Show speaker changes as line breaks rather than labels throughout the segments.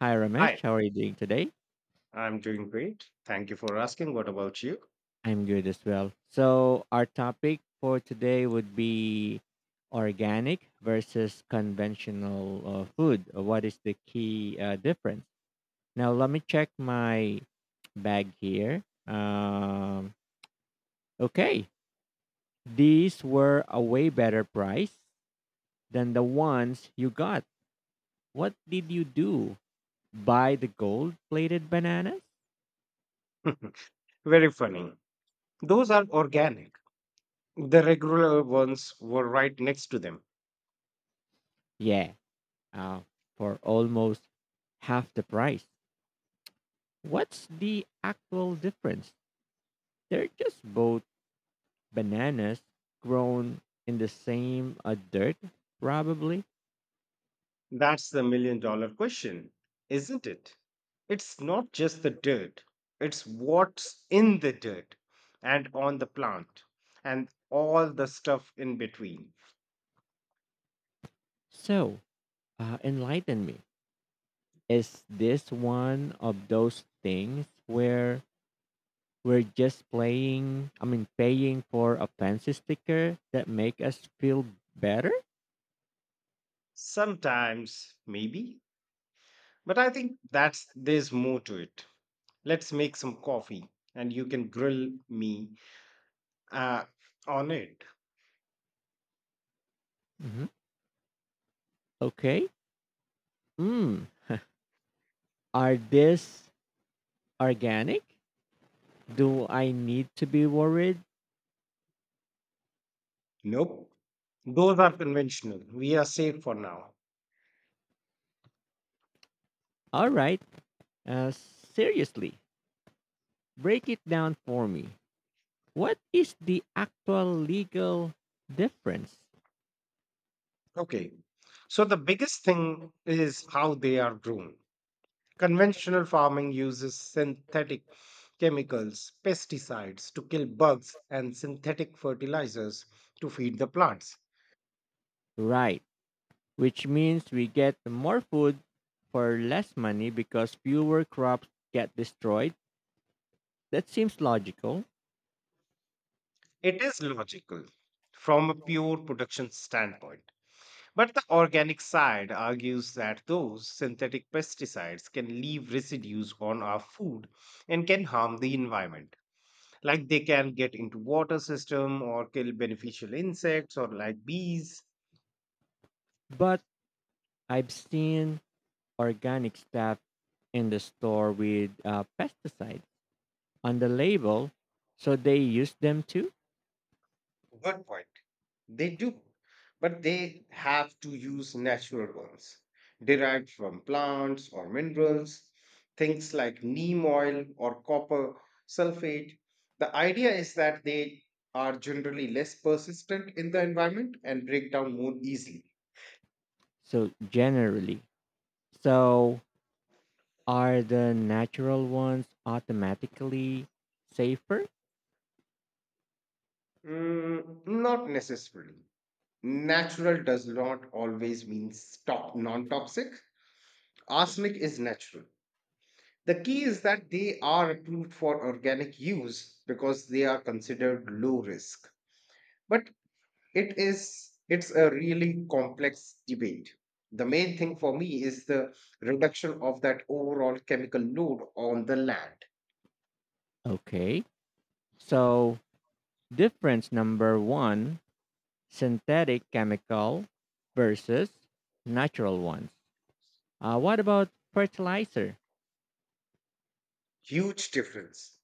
Hi
Hi,
Ramesh, how are you doing today?
I'm doing great. Thank you for asking. What about you?
I'm good as well. So, our topic for today would be organic versus conventional food. What is the key difference? Now, let me check my bag here. Okay, these were a way better price than the ones you got. What did you do? Buy the gold plated bananas?
Very funny. Those are organic. The regular ones were right next to them.
Yeah, uh, for almost half the price. What's the actual difference? They're just both bananas grown in the same dirt, probably.
That's the million dollar question, isn't it? It's not just the dirt, it's what's in the dirt and on the plant and all the stuff in between.
So, enlighten me. Is this one of those things where we're just paying for a fancy sticker that make us feel better?
Sometimes, maybe, but I think that's there's more to it. Let's make some coffee and you can grill me uh, on it.
hmm Okay. Mm. Are this organic? Do I need to be worried?
Nope. Those are conventional. We are safe for now.
All right. Seriously, break it down for me. What is the actual legal difference?
Okay. So the biggest thing is how they are grown. Conventional farming uses synthetic chemicals, pesticides to kill bugs, and synthetic fertilizers to feed the plants.
Right, which means we get more food for less money because fewer crops get destroyed. That seems logical,
It is logical from a pure production standpoint. But the organic side argues that those synthetic pesticides can leave residues on our food and can harm the environment. Like they can get into water system or kill beneficial insects or like bees.
but I've seen organic stuff in the store with pesticides on the label, so they use them too.
Good point. They do, but they have to use natural ones derived from plants or minerals, things like neem oil or copper sulfate. The idea is that they are generally less persistent in the environment and break down more easily.
So generally, so are the natural ones automatically safer?
Mm, not necessarily. Natural does not always mean stop non toxic. Arsenic is natural. The key is that they are approved for organic use because they are considered low risk. But it's a really complex debate. The main thing for me is the reduction of that overall chemical load on the land.
Okay. So, difference number one, synthetic chemical versus natural ones. What about fertilizer
Huge difference.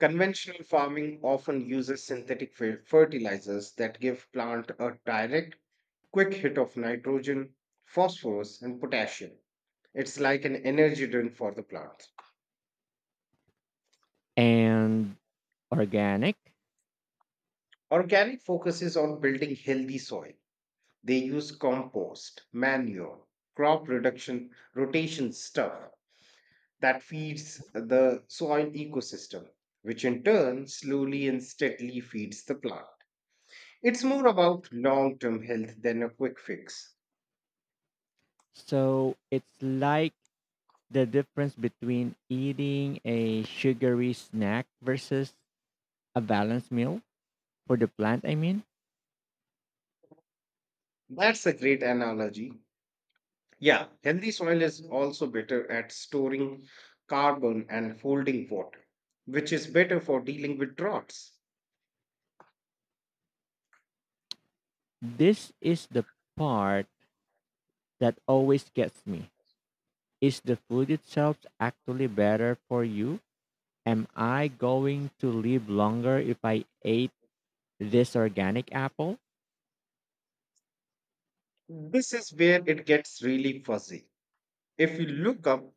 Conventional farming often uses synthetic fertilizers that give plant a direct quick hit of nitrogen, phosphorus and potassium. It's like an energy drink for the plant.
and organic?
Organic focuses on building healthy soil. They use compost, manure, crop reduction, rotation stuff that feeds the soil ecosystem, which in turn slowly and steadily feeds the plant. It's more about long term health than a quick fix.
So, it's like the difference between eating a sugary snack versus a balanced meal for the plant, I mean.
That's a great analogy. Yeah, healthy soil is also better at storing carbon and holding water, which is better for dealing with droughts.
This is the part that always gets me. Is the food itself actually better for you? Am I going to live longer if I ate this organic apple?
This is where it gets really fuzzy. If you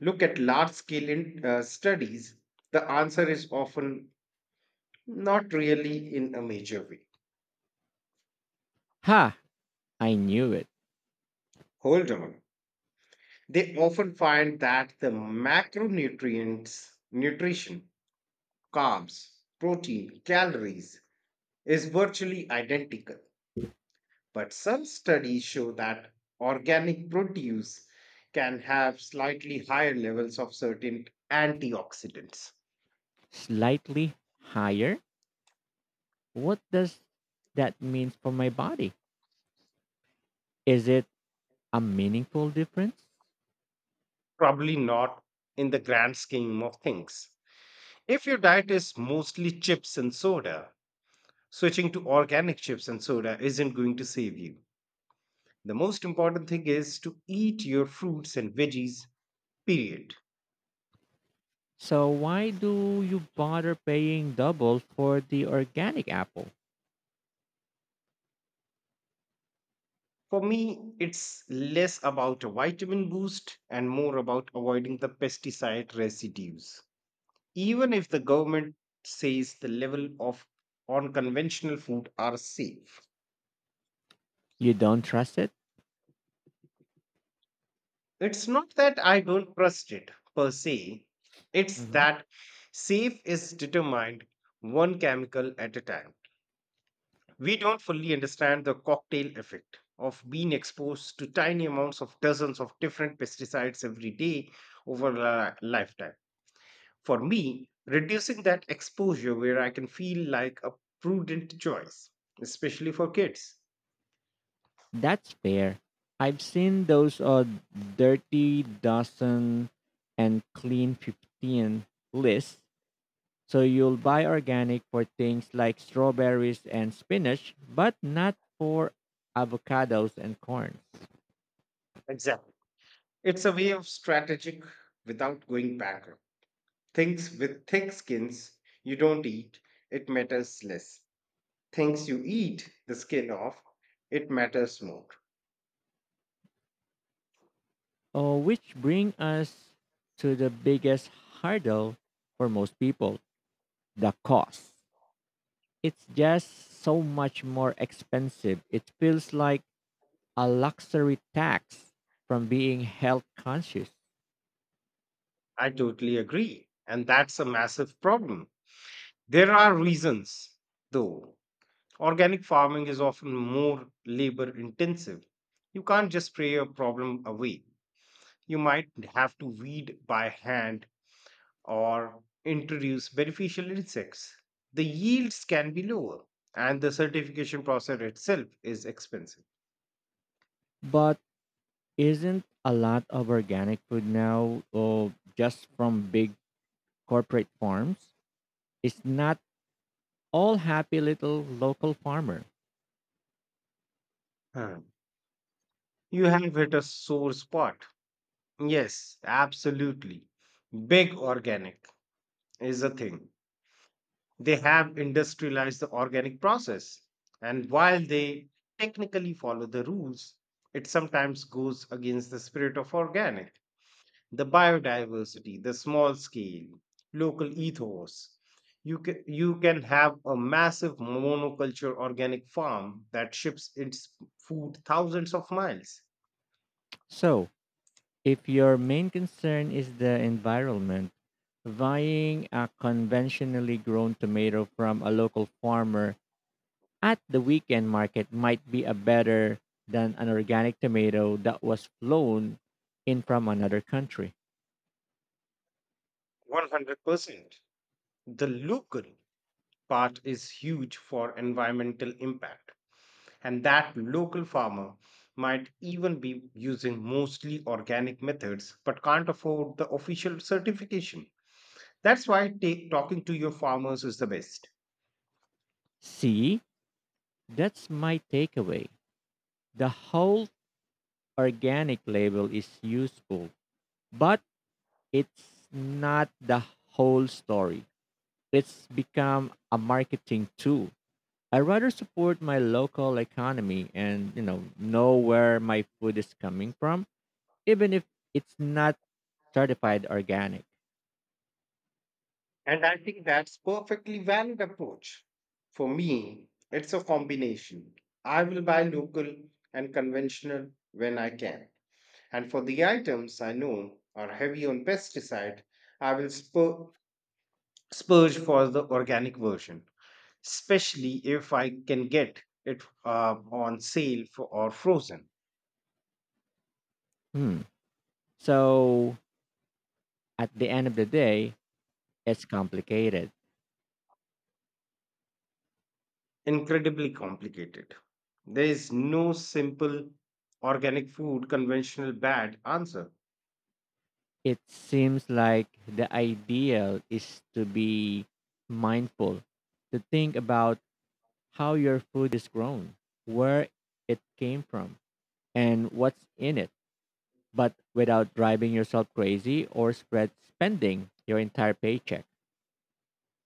look at large scale studies, the answer is often not really in a major way.
Ha! I knew it.
Hold on. They often find that the macronutrients, nutrition, carbs, protein, calories is virtually identical. But some studies show that organic produce can have slightly higher levels of certain antioxidants.
Slightly higher? What does that mean for my body? Is it a meaningful difference?
Probably not in the grand scheme of things. If your diet is mostly chips and soda, switching to organic chips and soda isn't going to save you. The most important thing is to eat your fruits and veggies, period.
So why do you bother paying double for the organic apple?
For me, it's less about a vitamin boost and more about avoiding the pesticide residues. Even if the government says the level of unconventional food are safe.
You don't trust it?
It's not that I don't trust it per se, it's that safe is determined one chemical at a time. We don't fully understand the cocktail effect of being exposed to tiny amounts of dozens of different pesticides every day over a lifetime. For me, reducing that exposure where I can feel like a prudent choice, especially for kids.
That's fair. I've seen those dirty dozen and clean 15 lists. So you'll buy organic for things like strawberries and spinach, but not for avocados and corns.
Exactly. It's a way of strategic without going bankrupt. Things with thick skins you don't eat, it matters less. Things you eat the skin off, it matters more.
Oh, which bring us to the biggest hurdle for most people, the cost. It's just so much more expensive. It feels like a luxury tax from being health conscious.
I totally agree. And that's a massive problem. There are reasons, though. Organic farming is often more labor intensive. You can't just spray a problem away. You might have to weed by hand or introduce beneficial insects. The yields can be lower, and the certification process itself is expensive.
But isn't a lot of organic food now just from big corporate farms? It's not all happy little local farmer.
Huh. You have hit a sore spot. Yes, absolutely. Big organic is a thing. They have industrialized the organic process. And while they technically follow the rules, it sometimes goes against the spirit of organic, the biodiversity, the small scale, local ethos. You can have a massive monoculture organic farm that ships its food thousands of miles.
So, if your main concern is the environment, buying a conventionally grown tomato from a local farmer at the weekend market might be a better than an organic tomato that was flown in from another country.
100%. The local part is huge for environmental impact, and that local farmer might even be using mostly organic methods but can't afford the official certification. That's why talking to your farmers is the best.
See, that's my takeaway. The whole organic label is useful, but it's not the whole story. It's become a marketing tool. I rather support my local economy and, you know where my food is coming from, even if it's not certified organic.
And I think that's perfectly valid approach. For me, it's a combination. I will buy local and conventional when I can. And for the items I know are heavy on pesticide, I will spurge for the organic version, especially if I can get it on sale for, or frozen.
Hmm. So, at the end of the day, it's complicated.
Incredibly complicated. There is no simple organic food conventional bad answer.
It seems like the ideal is to be mindful, to think about how your food is grown, where it came from, and what's in it, but without driving yourself crazy or spread spending your entire paycheck.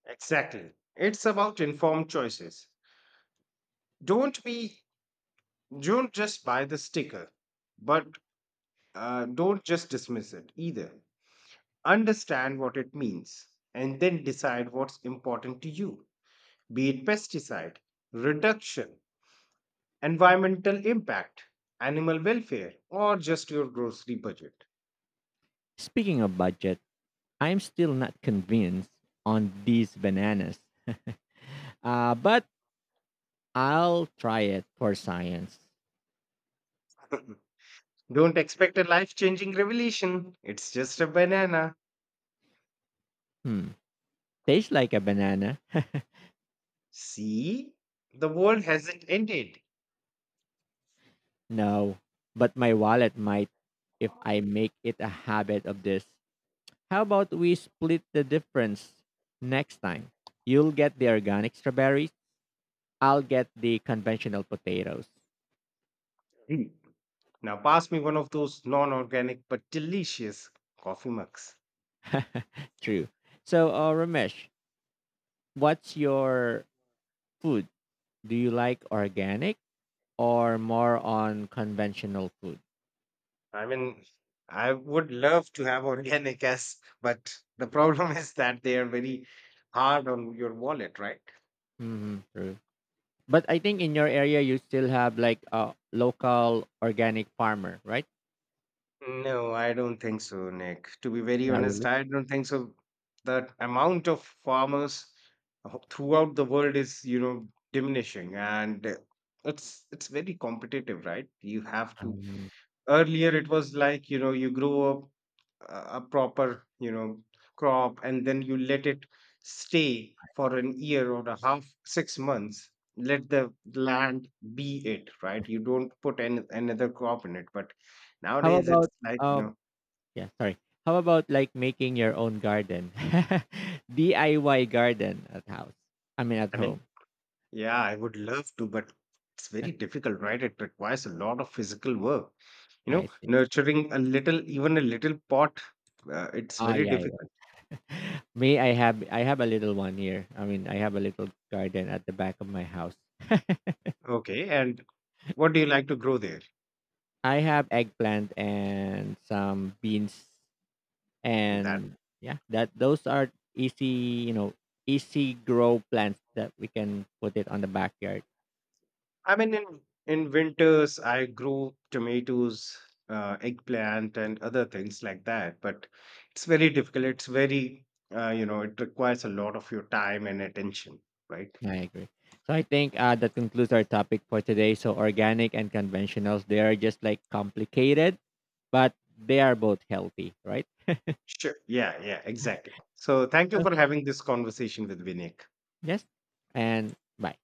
Exactly. It's about informed choices. Don't be don't just buy the sticker, but don't just dismiss it either. Understand what it means, and then decide what's important to you, be it pesticide, reduction, environmental impact, animal welfare, or just your grocery budget.
Speaking of budget, I'm still not convinced on these bananas. But I'll try it for science.
Don't expect a life changing revelation. It's just a banana.
Hmm. Tastes like a banana.
See? The world hasn't ended.
No, but my wallet might if I make it a habit of this. How about we split the difference next time? You'll get the organic strawberries, I'll get the conventional potatoes.
Hmm. Now, pass me one of those non organic but delicious coffee mugs.
True. So, Ramesh, what's your food? Do you like organic or more on conventional food?
I mean, I would love to have organic as, but the problem is that they are very hard on your wallet, right?
Hmm, true. But I think in your area you still have like a local organic farmer, right?
No, I don't think so, Nick. To be very
Not
honest,
really.
I don't think so. The amount of farmers throughout the world is, diminishing, and it's very competitive, right? You have to.
Um,
Earlier, it was like, you know, you grow up a proper, you know, crop, and then you let it stay for an year or a half, 6 months, let the land be it, right? You don't put another crop in it. But
how
nowadays, it's
about
like, you
um,
know,
Yeah, sorry. How about like making your own garden? DIY garden at house. I mean at
I mean,
home.
yeah, I would love to, but it's very difficult, right? It requires a lot of physical work, you know,
I see.
nurturing a little, even a little pot, it's
Oh
very
yeah, yeah.
difficult.
Me, I have a little one here. I mean I have a little garden at the back of my house.
Okay, and what do you like to grow there?
I have eggplant and some beans
And that.
and yeah, that those are easy, you know, easy grow plants that we can put it on the backyard.
I mean, in winters, I grow tomatoes, eggplant, and other things like that. But it's very difficult. It's very, you know, it requires a lot of your time and attention, right?
Yeah, I agree. So I think that concludes our topic for today. So organic and conventionals, they are just like complicated, but they are both healthy, right?
Sure. Yeah, yeah, exactly. So thank you
So
for having this conversation with Vinayak.
yes. And bye.